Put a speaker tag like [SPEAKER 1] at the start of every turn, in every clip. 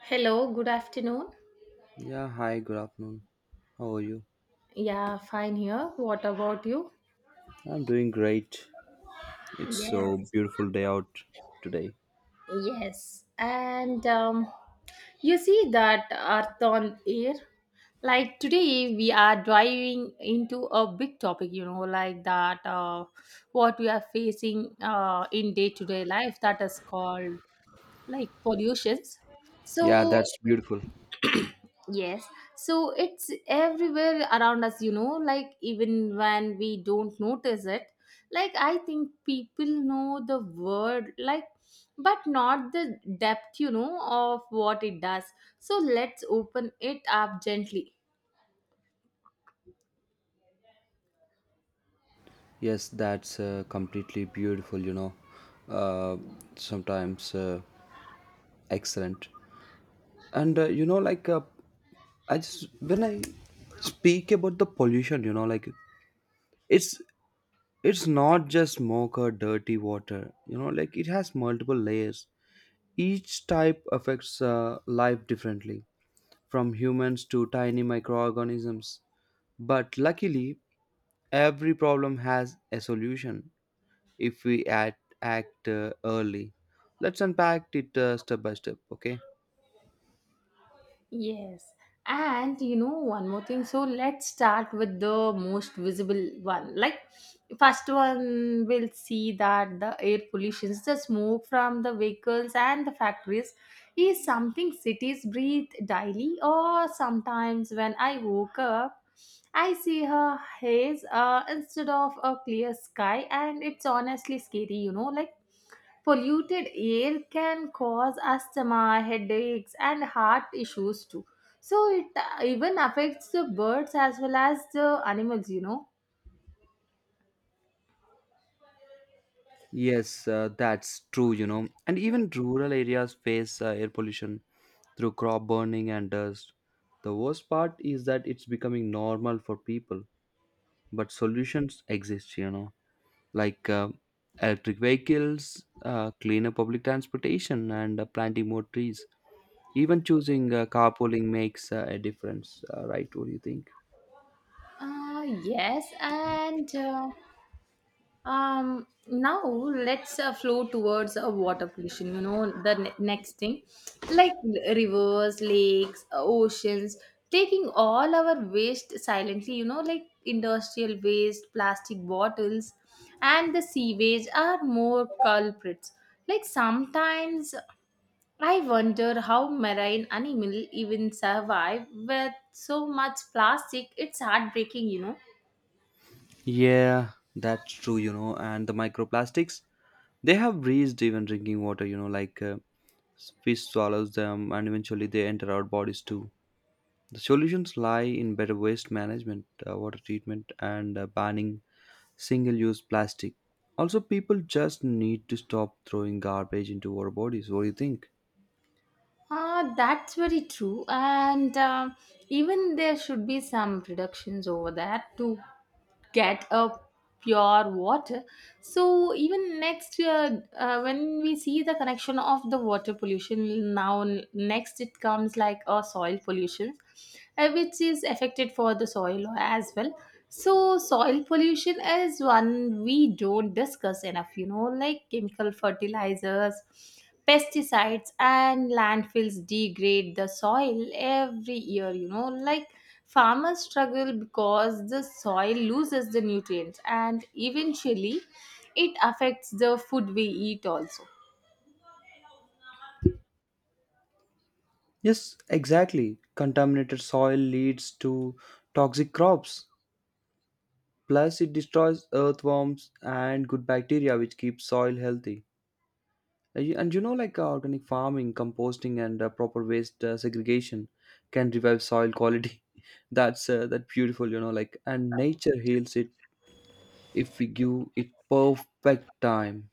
[SPEAKER 1] Hello, good afternoon.
[SPEAKER 2] Yeah, hi, good afternoon. How are you?
[SPEAKER 1] Yeah, fine here. What about you?
[SPEAKER 2] I'm doing great. It's so
[SPEAKER 1] Yes,
[SPEAKER 2] beautiful day out today.
[SPEAKER 1] yes. And you see that Earth on Air? Like today, we are driving into a big topic, like that, what we are facing in day to day life that is called like pollutions.
[SPEAKER 2] Yeah,
[SPEAKER 1] So.
[SPEAKER 2] that's beautiful.
[SPEAKER 1] Yes, so it's everywhere around us, like even when we don't notice it. Like, I think people know the word, like, but not the depth, of what it does. So let's open it up gently.
[SPEAKER 2] Yes, that's completely beautiful, you know. Uh, sometimes excellent. And you know I just when I speak about the pollution, like it's it's not just smoke or dirty water. You know like it has multiple layers. Each type affects life differently from humans to tiny microorganisms. But luckily, every problem has a solution if we act, act early. Let's unpack it step by step, okay?
[SPEAKER 1] Yes. And one more thing. So let's start with the most visible one. Like, first one will see that the air pollution, the smoke from the vehicles and the factories, is something cities breathe daily. Or sometimes when I woke up, I see her haze instead of a clear sky, and it's honestly scary, like polluted air can cause asthma headaches and heart issues too, so it even affects the birds as well as the animals.
[SPEAKER 2] Yes, that's true, you know. And even rural areas face air pollution through crop burning and dust. The worst part is that it's becoming normal for people, but solutions exist, you know. like uh, Electric vehicles, cleaner public transportation, and planting more trees. Even choosing carpooling makes a difference, right? What do you think?
[SPEAKER 1] Yes, and now let's flow towards water pollution. The next thing, like rivers, lakes, oceans, taking all our waste silently. Like industrial waste, plastic bottles, and the sewage are more culprits. Like sometimes I wonder how marine animal even survive with so much plastic. It's heartbreaking.
[SPEAKER 2] Yeah, that's true, you know. And the microplastics, they have reached even drinking water, fish swallows them and eventually they enter our bodies too. The solutions lie in better waste management, water treatment, and banning single use plastic. Also, people just need to stop throwing garbage into our bodies. What do you think?
[SPEAKER 1] Ah, that's very true. And even there should be some reductions over that to get a pure water. So even next year, when we see the connection of the water pollution, now next it comes like a soil pollution, which is affected for the soil as well. So, soil pollution is one we don't discuss enough, like chemical fertilizers, pesticides, and landfills degrade the soil every year, like farmers struggle because the soil loses the nutrients and eventually it affects the food we eat also.
[SPEAKER 2] Yes, exactly. Contaminated soil leads to toxic crops. Plus, it destroys earthworms and good bacteria, which keep soil healthy. And organic farming, composting, and proper waste segregation can revive soil quality. That's that beautiful, you know. Like, and nature heals it if we give it perfect time.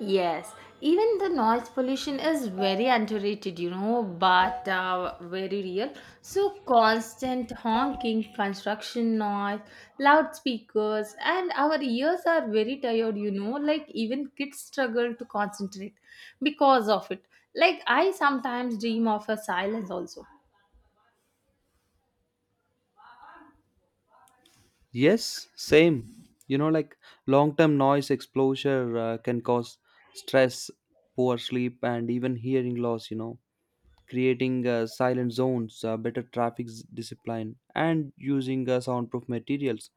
[SPEAKER 1] Yes, even the noise pollution is very underrated, but very real. So, constant honking, construction noise, loudspeakers, and our ears are very tired, like even kids struggle to concentrate because of it. Like, I sometimes dream of a silence also.
[SPEAKER 2] Yes, same. You know, like long term noise exposure can cause stress, poor sleep, and even hearing loss, you know, creating silent zones, better discipline, and using soundproof materials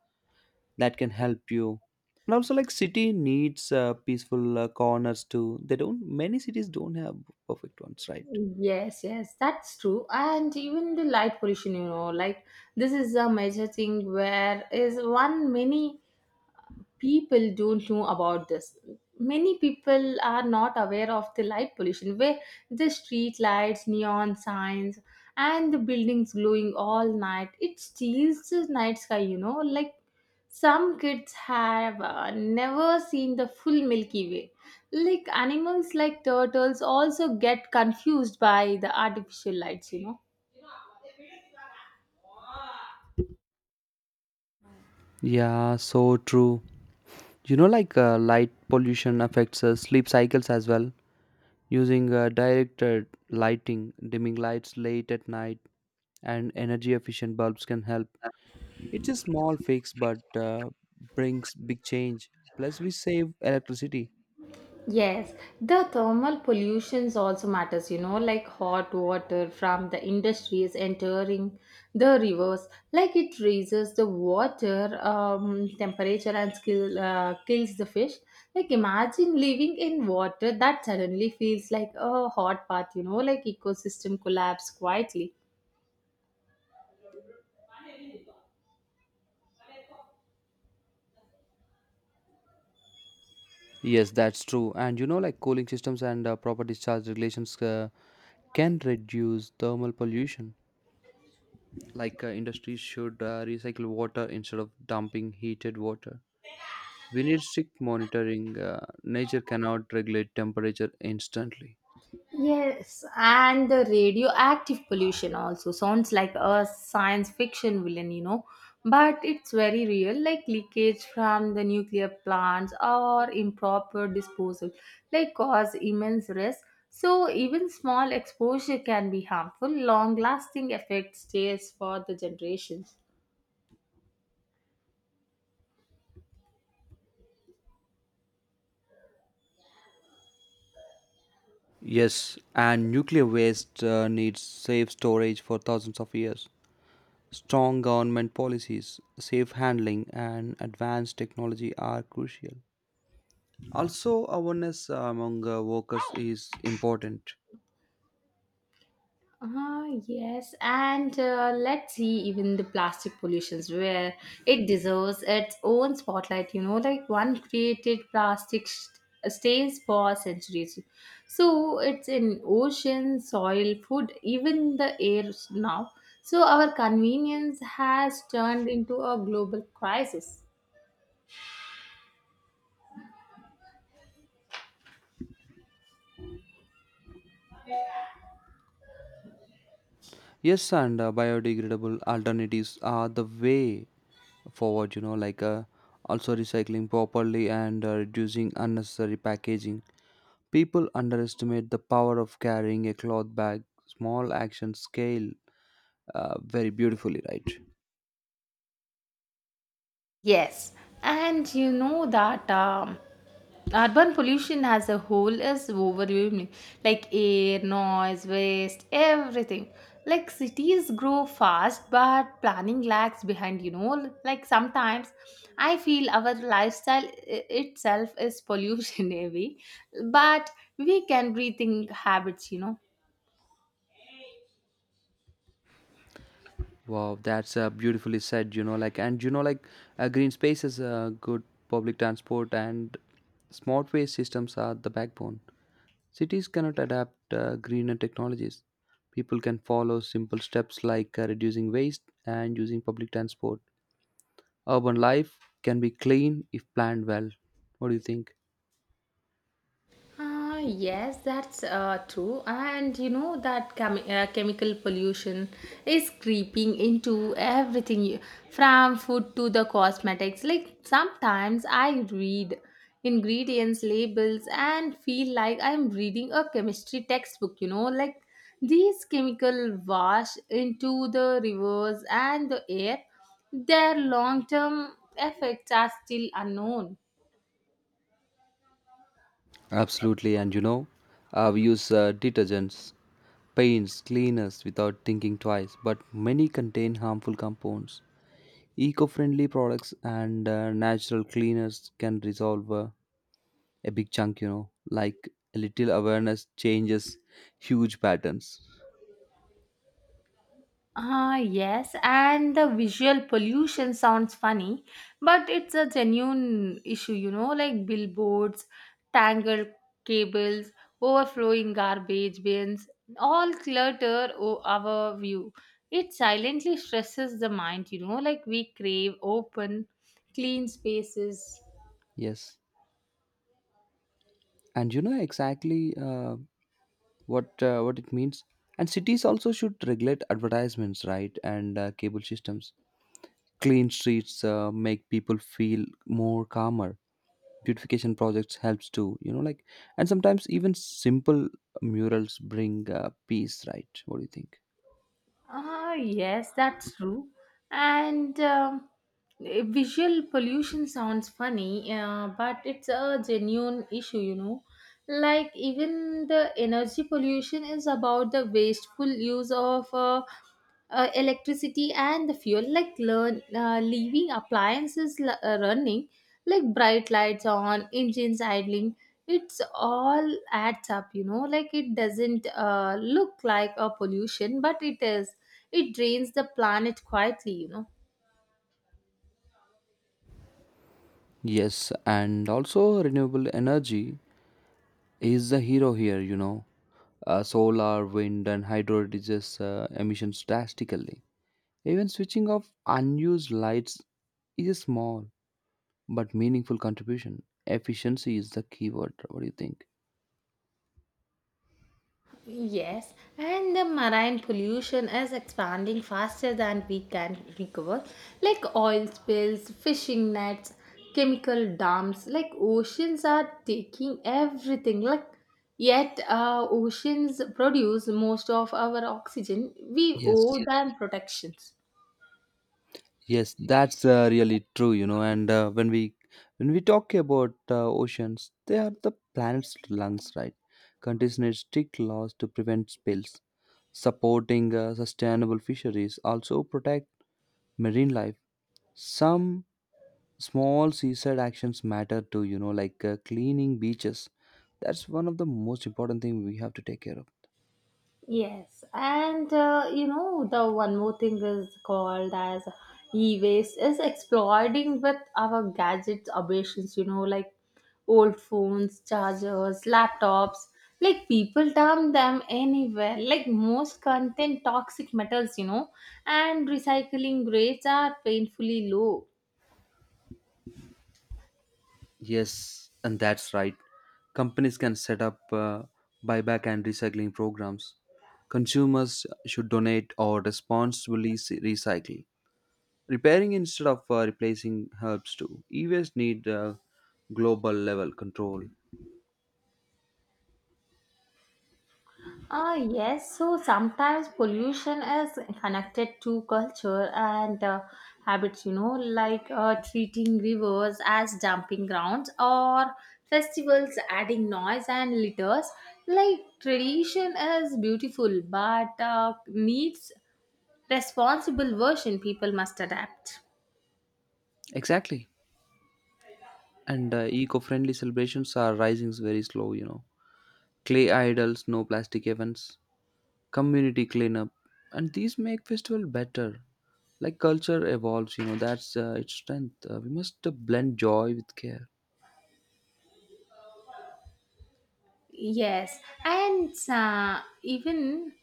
[SPEAKER 2] that can help you. And also, like city needs peaceful corners too. They don't, many cities don't have perfect ones, right?
[SPEAKER 1] Yes, yes, that's true. And even the light pollution, like this is a major thing where is one, many people don't know about this, many people are not aware of the light pollution where the street lights, neon signs, and the buildings glowing all night, it steals the night sky, like some kids have never seen the full Milky Way. Like animals like turtles also get confused by the artificial lights.
[SPEAKER 2] Yeah, so true. You know, light pollution affects sleep cycles as well. Using directed lighting, dimming lights late at night, and energy efficient bulbs can help. It's a small fix but brings big change. Plus, we save electricity.
[SPEAKER 1] Yes, the thermal pollutions also matters, like hot water from the industries entering the rivers, like it raises the water temperature and skill, kills the fish. Like imagine living in water that suddenly feels like a hot bath, like ecosystem collapse quietly.
[SPEAKER 2] Yes, that's true. And you know, like cooling systems and proper discharge regulations can reduce thermal pollution. Industries should recycle water instead of dumping heated water. We need strict monitoring. Nature cannot regulate temperature instantly.
[SPEAKER 1] Yes, and the radioactive pollution also sounds like a science fiction villain, but it's very real, like leakage from the nuclear plants or improper disposal, like cause immense risk. So even small exposure can be harmful. Long-lasting effect stays for the generations.
[SPEAKER 2] Yes, and nuclear waste needs safe storage for thousands of years. Strong government policies, safe handling, and advanced technology are crucial. Also, awareness among workers is important.
[SPEAKER 1] Ah, yes, and let's see even the plastic pollutions where it deserves its own spotlight. Like one created plastic stays for centuries. So it's in ocean, soil, food, even the air now. So our convenience has turned into a global crisis.
[SPEAKER 2] Yes, and biodegradable alternatives are the way forward, you know, also recycling properly and reducing unnecessary packaging. People underestimate the power of carrying a cloth bag. Small actions scale very beautifully, right?
[SPEAKER 1] Yes, and you know that urban pollution as a whole is overwhelming, like air, noise, waste, everything. Like cities grow fast, but planning lags behind. Like sometimes I feel our lifestyle itself is pollution heavy, but we can rethink habits.
[SPEAKER 2] Wow, that's beautifully said, you know. Like and you know like Green space is a good public transport, and smart waste systems are the backbone. Cities cannot adapt greener technologies. People can follow simple steps like reducing waste and using public transport. Urban life can be clean if planned well. What do you think?
[SPEAKER 1] Ah, yes, that's true. And you know that chemical pollution is creeping into everything, from food to the cosmetics. Like sometimes I read ingredients labels and feel like I'm reading a chemistry textbook, like these chemical wash into the rivers and the air. Their long-term effects are still unknown.
[SPEAKER 2] Absolutely. And you know, we use detergents, paints, cleaners without thinking twice, but many contain harmful compounds. Eco friendly products and natural cleaners can resolve a big chunk, you know, like a little awareness changes huge patterns.
[SPEAKER 1] Ah, yes, and the visual pollution sounds funny, but it's a genuine issue, like billboards, tangled cables, overflowing garbage bins, all clutter our view. It silently stresses the mind, like we crave open, clean spaces.
[SPEAKER 2] Yes, and you know exactly what it means. And cities also should regulate advertisements, right? And cable systems. Clean streets make people feel more calmer, beautification projects helps too, you know. Like, and sometimes even simple murals bring peace, right? What do you think?
[SPEAKER 1] Ah, yes, that's true. And visual pollution sounds funny, but it's a genuine issue. Like, even the energy pollution is about the wasteful use of electricity and the fuel, like leaving appliances running, like bright lights on, engines idling, it's all adds up, like it doesn't look like a pollution, but it is, it drains the planet quietly.
[SPEAKER 2] Yes, and also renewable energy is the hero here, you know. Solar, wind, and hydro reduces emissions drastically. Even switching off unused lights is a small but meaningful contribution. Efficiency is the keyword. What do you think?
[SPEAKER 1] Yes, and the marine pollution is expanding faster than we can recover, like oil spills, fishing nets, chemical dumps, like oceans are taking everything. Like yet oceans produce most of our oxygen. We
[SPEAKER 2] yes
[SPEAKER 1] owe them protections.
[SPEAKER 2] Yes, that's really true, you know. And when we talk about oceans, they are the planet's lungs, right? Containing strict laws to prevent spills, supporting sustainable fisheries, also protect marine life. Some small seaside actions matter too, you know, like cleaning beaches. That's one of the most important thing we have to take care of.
[SPEAKER 1] Yes, and you know the one more thing is called as e-waste is exploding with our gadgets aberrations. Like old phones, chargers, laptops. Like people dump them anywhere. Like most contain toxic metals, and recycling rates are painfully low.
[SPEAKER 2] Yes, and that's right. Companies can set up buyback and recycling programs. Consumers should donate or recycle. Repairing instead of replacing helps too. E-waste need global level control.
[SPEAKER 1] Yes, so sometimes pollution is connected to culture and habits, like treating rivers as dumping grounds or festivals adding noise and litters. Like, tradition is beautiful but needs responsible version people must adapt.
[SPEAKER 2] Exactly. And eco friendly celebrations are rising very slow, you know. Clay idols, no plastic events, community cleanup, and these make festival better. Like culture evolves, you know. That's its strength. We must blend joy with care.
[SPEAKER 1] Yes, and even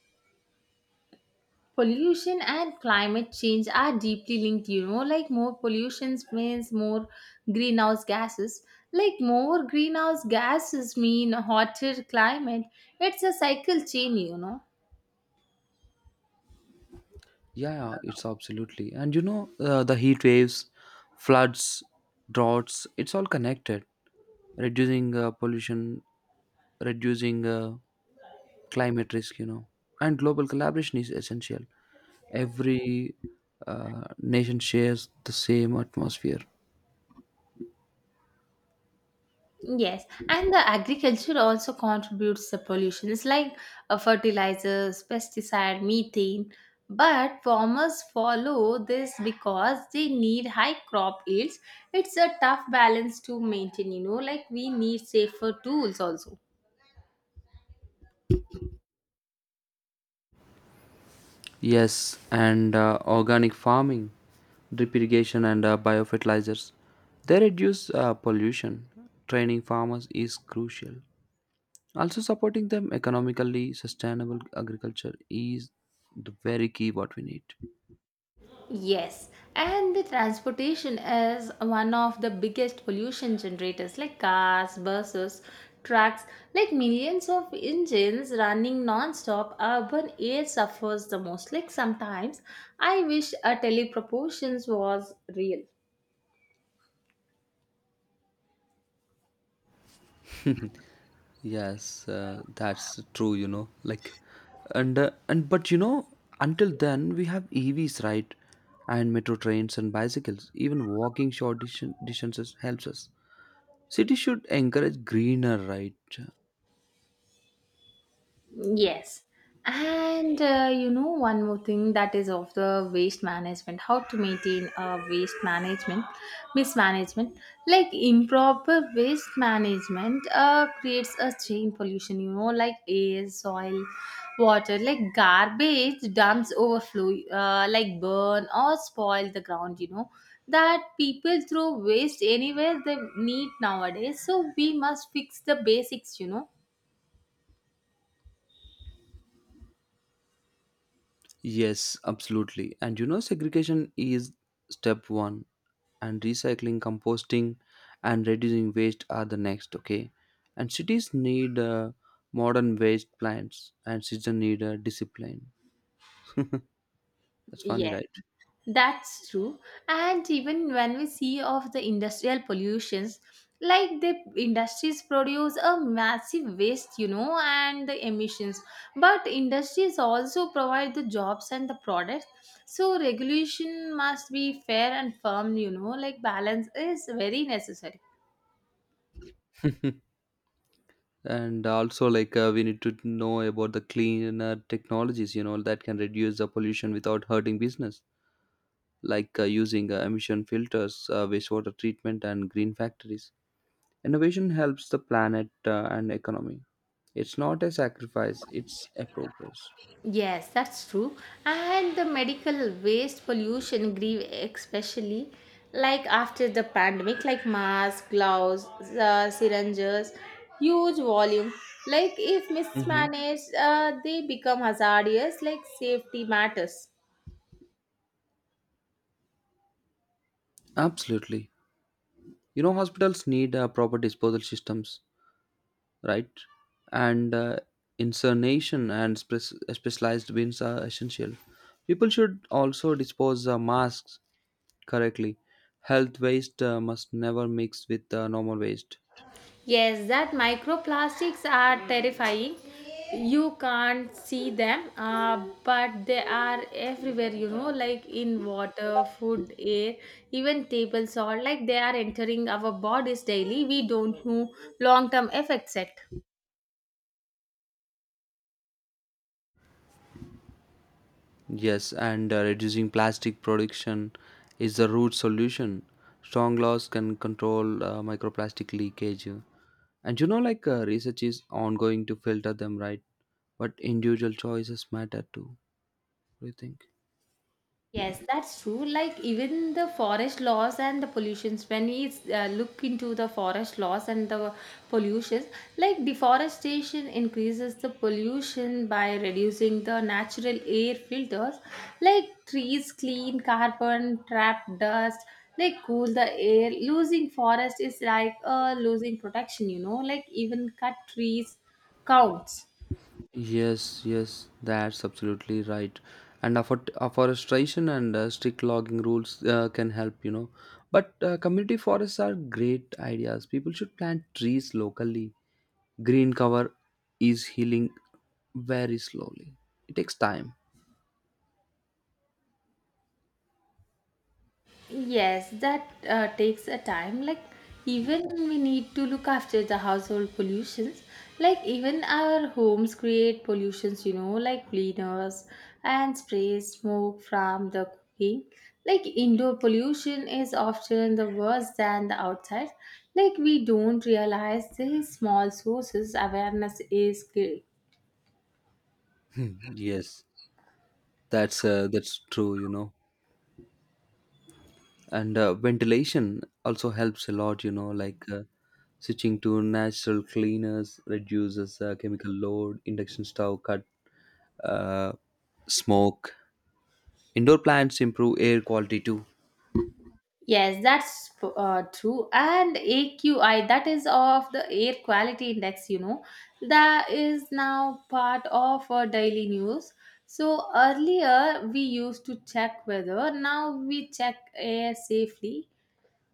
[SPEAKER 1] pollution and climate change are deeply linked, like more pollution means more greenhouse gases, like more greenhouse gases mean hotter climate, it's a cycle chain.
[SPEAKER 2] Yeah, it's absolutely. And you know, the heat waves, floods, droughts, it's all connected. Reducing pollution, reducing climate risk, you know. And global collaboration is essential. Every nation shares the same atmosphere.
[SPEAKER 1] Yes, and the agriculture also contributes to pollutions like fertilizers, pesticide, methane. But farmers follow this because they need high crop yields. It's a tough balance to maintain, like we need safer tools also.
[SPEAKER 2] Yes, and organic farming, drip irrigation, and biofertilizers. They reduce pollution. Training farmers is crucial. Also, supporting them economically, sustainable agriculture is the very key what we need.
[SPEAKER 1] Yes, and the transportation is one of the biggest pollution generators like cars, buses, trucks, like millions of engines running non-stop, urban air suffers the most. Like sometimes I wish a teleproportions was real.
[SPEAKER 2] Yes, that's true. You know, like, and but you know, until then we have EVs, right? And metro trains and bicycles. Even walking distances helps us. Cities should encourage greener, right?
[SPEAKER 1] Yes. And one more thing that is of the waste management, how to maintain a waste management, mismanagement. Like improper waste management creates a chain pollution, like air, soil, water, like garbage dumps overflow, like burn or spoil the ground. That people throw waste anywhere they need nowadays. So we must fix the basics.
[SPEAKER 2] Yes, absolutely. And you know, segregation is step one, and recycling, composting, and reducing waste are the next. Okay, and cities need modern waste plants, and cities need discipline. That's funny,
[SPEAKER 1] Yes.
[SPEAKER 2] right?
[SPEAKER 1] That's true. And even when we see of the industrial pollutions, like the industries produce a massive waste, and the emissions. But industries also provide the jobs and the products. So regulation must be fair and firm, like balance is very necessary.
[SPEAKER 2] And also, like we need to know about the cleaner technologies, you know, that can reduce the pollution without hurting business, like using emission filters, wastewater treatment, and green factories. Innovation helps the planet and economy. It's not a sacrifice, it's a progress.
[SPEAKER 1] Yes, that's true. And the medical waste pollution grieve especially like after the pandemic, like masks, gloves, syringes, huge volume. Like if
[SPEAKER 2] Hmm.
[SPEAKER 1] mismanaged, they become hazardous, like safety matters.
[SPEAKER 2] Absolutely. You know, hospitals need proper disposal systems, right? And incineration and specialized bins are essential. People should also dispose masks correctly. Health waste must never mix with normal waste.
[SPEAKER 1] Yes, that microplastics are terrifying. You can't see them, but they are everywhere, like in water, food, air, even table salt. Like they are entering our bodies daily. We don't know long term effects yet.
[SPEAKER 2] Yes, and reducing plastic production is the root solution. Strong laws can control microplastic leakage. And you know, like research is ongoing to filter them, right? But individual choices matter too. What do you think?
[SPEAKER 1] Yes, that's true. Like even the forest laws and the pollutions, when we look into the forest laws and the pollutions, like deforestation increases the pollution by reducing the natural air filters. Like trees clean carbon, trap dust, they cool the air. Losing forest is like losing protection, like even cut trees counts.
[SPEAKER 2] Yes, yes, that's absolutely right. And afforestation and strict logging rules can help, you know. But community forests are great ideas. People should plant trees locally. Green cover is healing very slowly. It takes time.
[SPEAKER 1] Yes, that takes a time. Like even we need to look after the household pollutions. Like even our homes create pollutions, like cleaners and spray smoke from the cooking. Like indoor pollution is often the worse than the outside. Like we don't realize these small sources. Awareness is key.
[SPEAKER 2] Hmm, yes, that's true, you know. And ventilation also helps a lot, you know, like switching to natural cleaners reduces chemical load, induction stove cut uh, smoke. Indoor plants improve air quality too.
[SPEAKER 1] Yes, that's true. And AQI, that is of the air quality index, that is now part of our daily news. So earlier we used to check weather, now we check air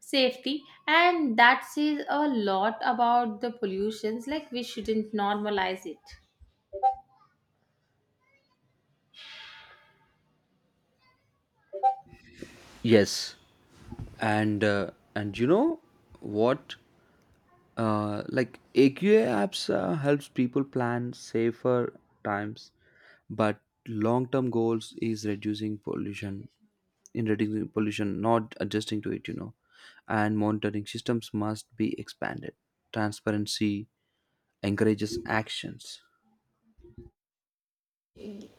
[SPEAKER 1] safety, and that says a lot about the pollutions. Like we shouldn't normalize it.
[SPEAKER 2] Yes, and you know what? Like AQA apps helps people plan safer times, but long-term goals is reducing pollution. In reducing pollution, not adjusting to it, you know, and monitoring systems must be expanded. Transparency encourages actions.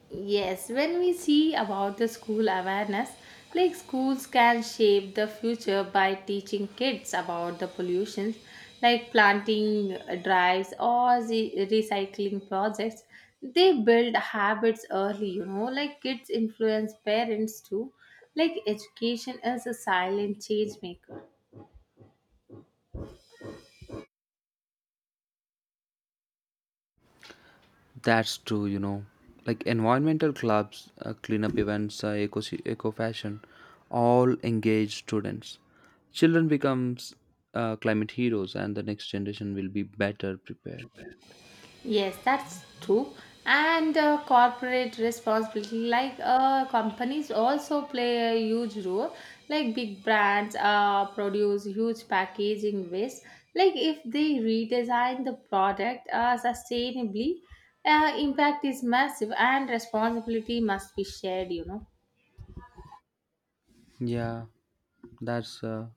[SPEAKER 1] Yes, when we see about the school awareness, like schools can shape the future by teaching kids about the pollution, like planting drives or the recycling projects. They build habits early, like kids influence parents too. Like education is a silent change maker.
[SPEAKER 2] That's true, you know. Like environmental clubs, cleanup events, eco fashion, all engage students. Children becomes climate heroes, and the next generation will be better prepared.
[SPEAKER 1] Yes, that's true. And corporate responsibility, like companies also play a huge role. Like big brands produce huge packaging waste. Like if they redesign the product sustainably, impact is massive and responsibility must be shared.
[SPEAKER 2] Yeah, that's uh,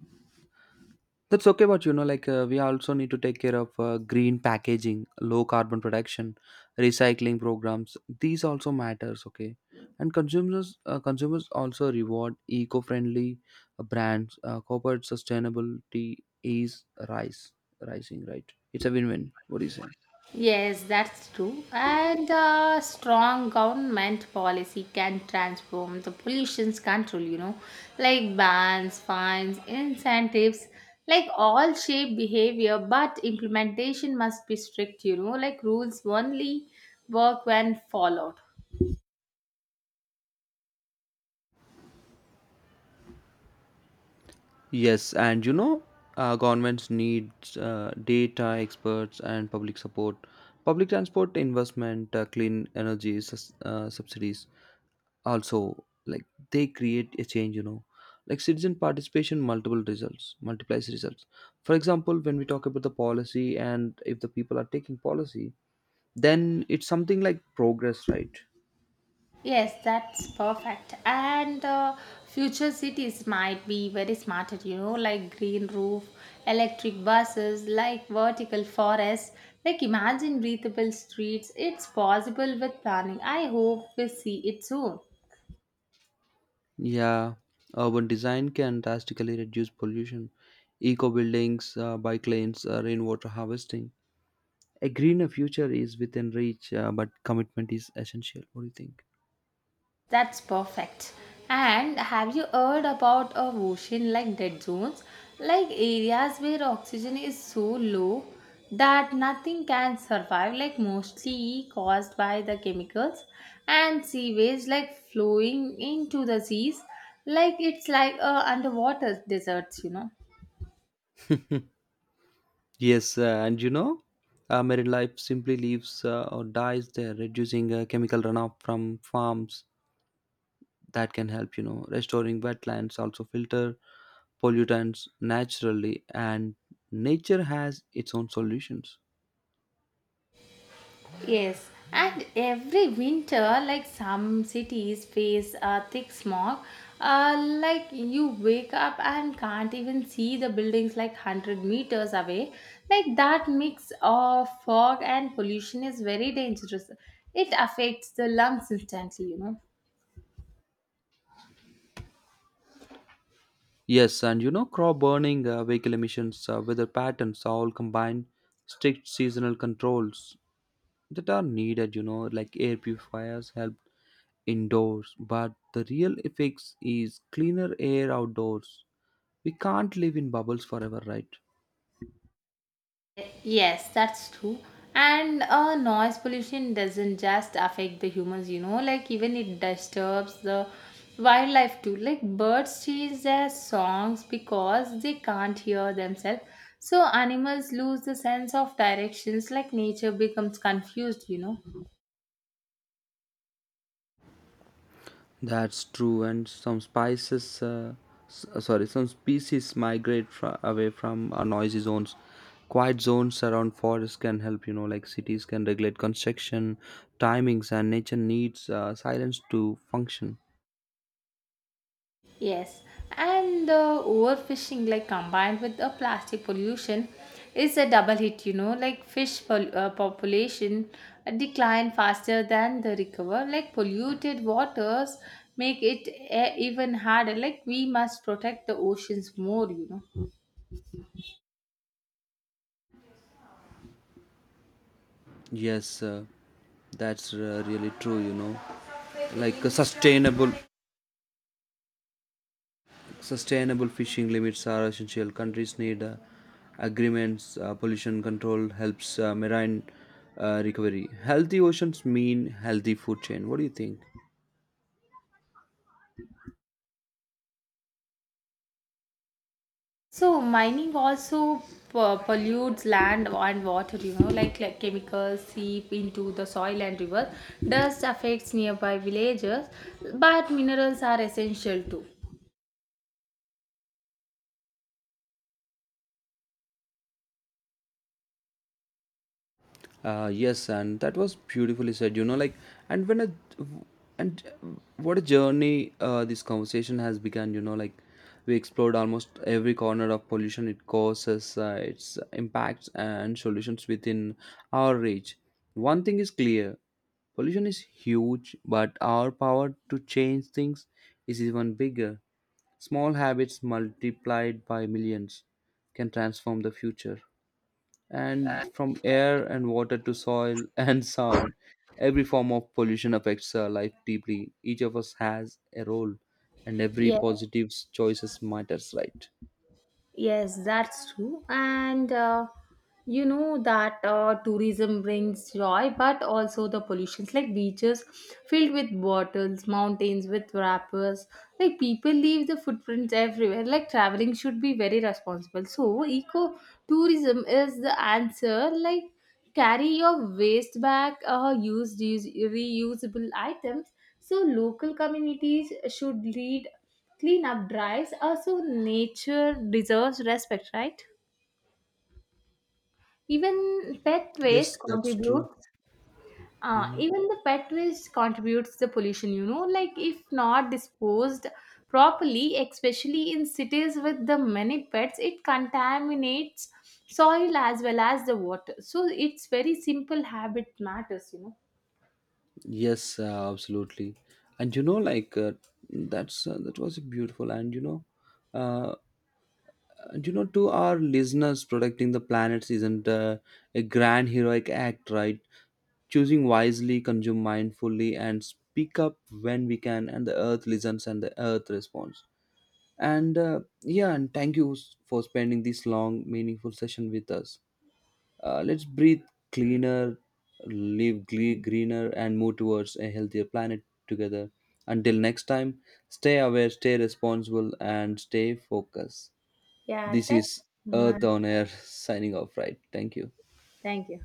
[SPEAKER 2] That's okay, but you know, like we also need to take care of green packaging, low carbon production, recycling programs. These also matters, okay. And consumers also reward eco-friendly brands. Corporate sustainability is rise, rising, right? It's a win-win. What do you say?
[SPEAKER 1] Yes, that's true. And a strong government policy can transform the pollution's control, like bans, fines, incentives, like all shape behavior, but implementation must be strict, like rules only work when followed.
[SPEAKER 2] Yes, and you know, governments need data experts and public support, public transport investment, clean energy subsidies. Also like, they create a change, you know. Like citizen participation multiple results multiplies results. For example, when we talk about the policy and if the people are taking policy, then it's something like progress, right?
[SPEAKER 1] Yes, that's perfect. And future cities might be very smarter, like green roof, electric buses, like vertical forests, like imagine breathable streets. It's possible with planning. I hope we see it soon.
[SPEAKER 2] Yeah, urban design can drastically reduce pollution. Eco buildings, bike lanes, rainwater harvesting. A greener future is within reach, but commitment is essential. What do you think?
[SPEAKER 1] That's perfect. And have you heard about a ocean like dead zones? Like areas where oxygen is so low that nothing can survive, like mostly caused by the chemicals and sewage like flowing into the seas. Like it's like a underwater deserts.
[SPEAKER 2] Yes, and you know, marine life simply lives or dies there. Reducing chemical runoff from farms, that can help, you know. Restoring wetlands also filter pollutants naturally, and nature has its own solutions.
[SPEAKER 1] Yes, and every winter, like some cities face a thick smog, uh, like you wake up and can't even see the buildings like 100 meters away. Like that mix of fog and pollution is very dangerous. It affects the lungs instantly.
[SPEAKER 2] Yes, and you know, crop burning, vehicle emissions, weather patterns all combine. Strict seasonal controls that are needed, you know, like air purifiers help indoors, but the real effects is cleaner air outdoors. We can't live in bubbles forever, right?
[SPEAKER 1] Yes, that's true. And noise pollution doesn't just affect the humans, like even it disturbs the wildlife too. Like birds change their songs because they can't hear themselves. So animals lose the sense of directions, like nature becomes confused.
[SPEAKER 2] That's true. And sorry, some species migrate away from noisy zones. Quiet zones around forests can help, you know. Like cities can regulate construction timings, and nature needs silence to function.
[SPEAKER 1] Yes, and the overfishing, like combined with the plastic pollution, is a double hit. Like fish population decline faster than the recover. Like polluted waters make it even harder. Like we must protect the oceans more.
[SPEAKER 2] Yes, that's really true, you know. Like a sustainable sustainable fishing limits are essential. Countries need agreements. Pollution control helps marine recovery. Healthy oceans mean healthy food chain. What do you think?
[SPEAKER 1] So mining also pollutes land and water, like chemicals seep into the soil and river. Dust affects nearby villages, but minerals are essential too.
[SPEAKER 2] Yes, and that was beautifully said. You know, like, and when a and what a journey this conversation has begun. You know, like we explored almost every corner of pollution it causes, its impacts and solutions within our reach. One thing is clear: pollution is huge, but our power to change things is even bigger. Small habits multiplied by millions can transform the future. And from air and water to soil and sound, every form of pollution affects our life deeply. Each of us has a role, and every
[SPEAKER 1] Yes,
[SPEAKER 2] positive choices matters, right?
[SPEAKER 1] yes, that's true. And you know that tourism brings joy, but also the pollutions like beaches filled with bottles, mountains with wrappers. Like people leave the footprints everywhere. Like traveling should be very responsible. So eco tourism is the answer. Like carry your waste back, use these reusable items. So local communities should lead cleanup drives. Also, nature deserves respect, right? Even pet
[SPEAKER 2] Yes,
[SPEAKER 1] waste
[SPEAKER 2] that's true.
[SPEAKER 1] contributes. Even the pet waste contributes the pollution. Like if not disposed properly, especially in cities with the many pets, it contaminates soil as well as the water. So it's very simple habit matters.
[SPEAKER 2] Yes, absolutely. And you know, like that was beautiful. And you know, uh, And you know, to our listeners, protecting the planet isn't a grand heroic act, right? Choosing wisely, consume mindfully, and speak up when we can, and the earth listens and the earth responds. And yeah, and thank you for spending this long, meaningful session with us. Let's breathe cleaner, live greener, and move towards a healthier planet together. Until next time, stay aware, stay responsible, and stay focused.
[SPEAKER 1] Yeah,
[SPEAKER 2] This
[SPEAKER 1] thank
[SPEAKER 2] is
[SPEAKER 1] you so
[SPEAKER 2] Earth
[SPEAKER 1] much.
[SPEAKER 2] on Air signing off, right? Thank you.
[SPEAKER 1] Thank you.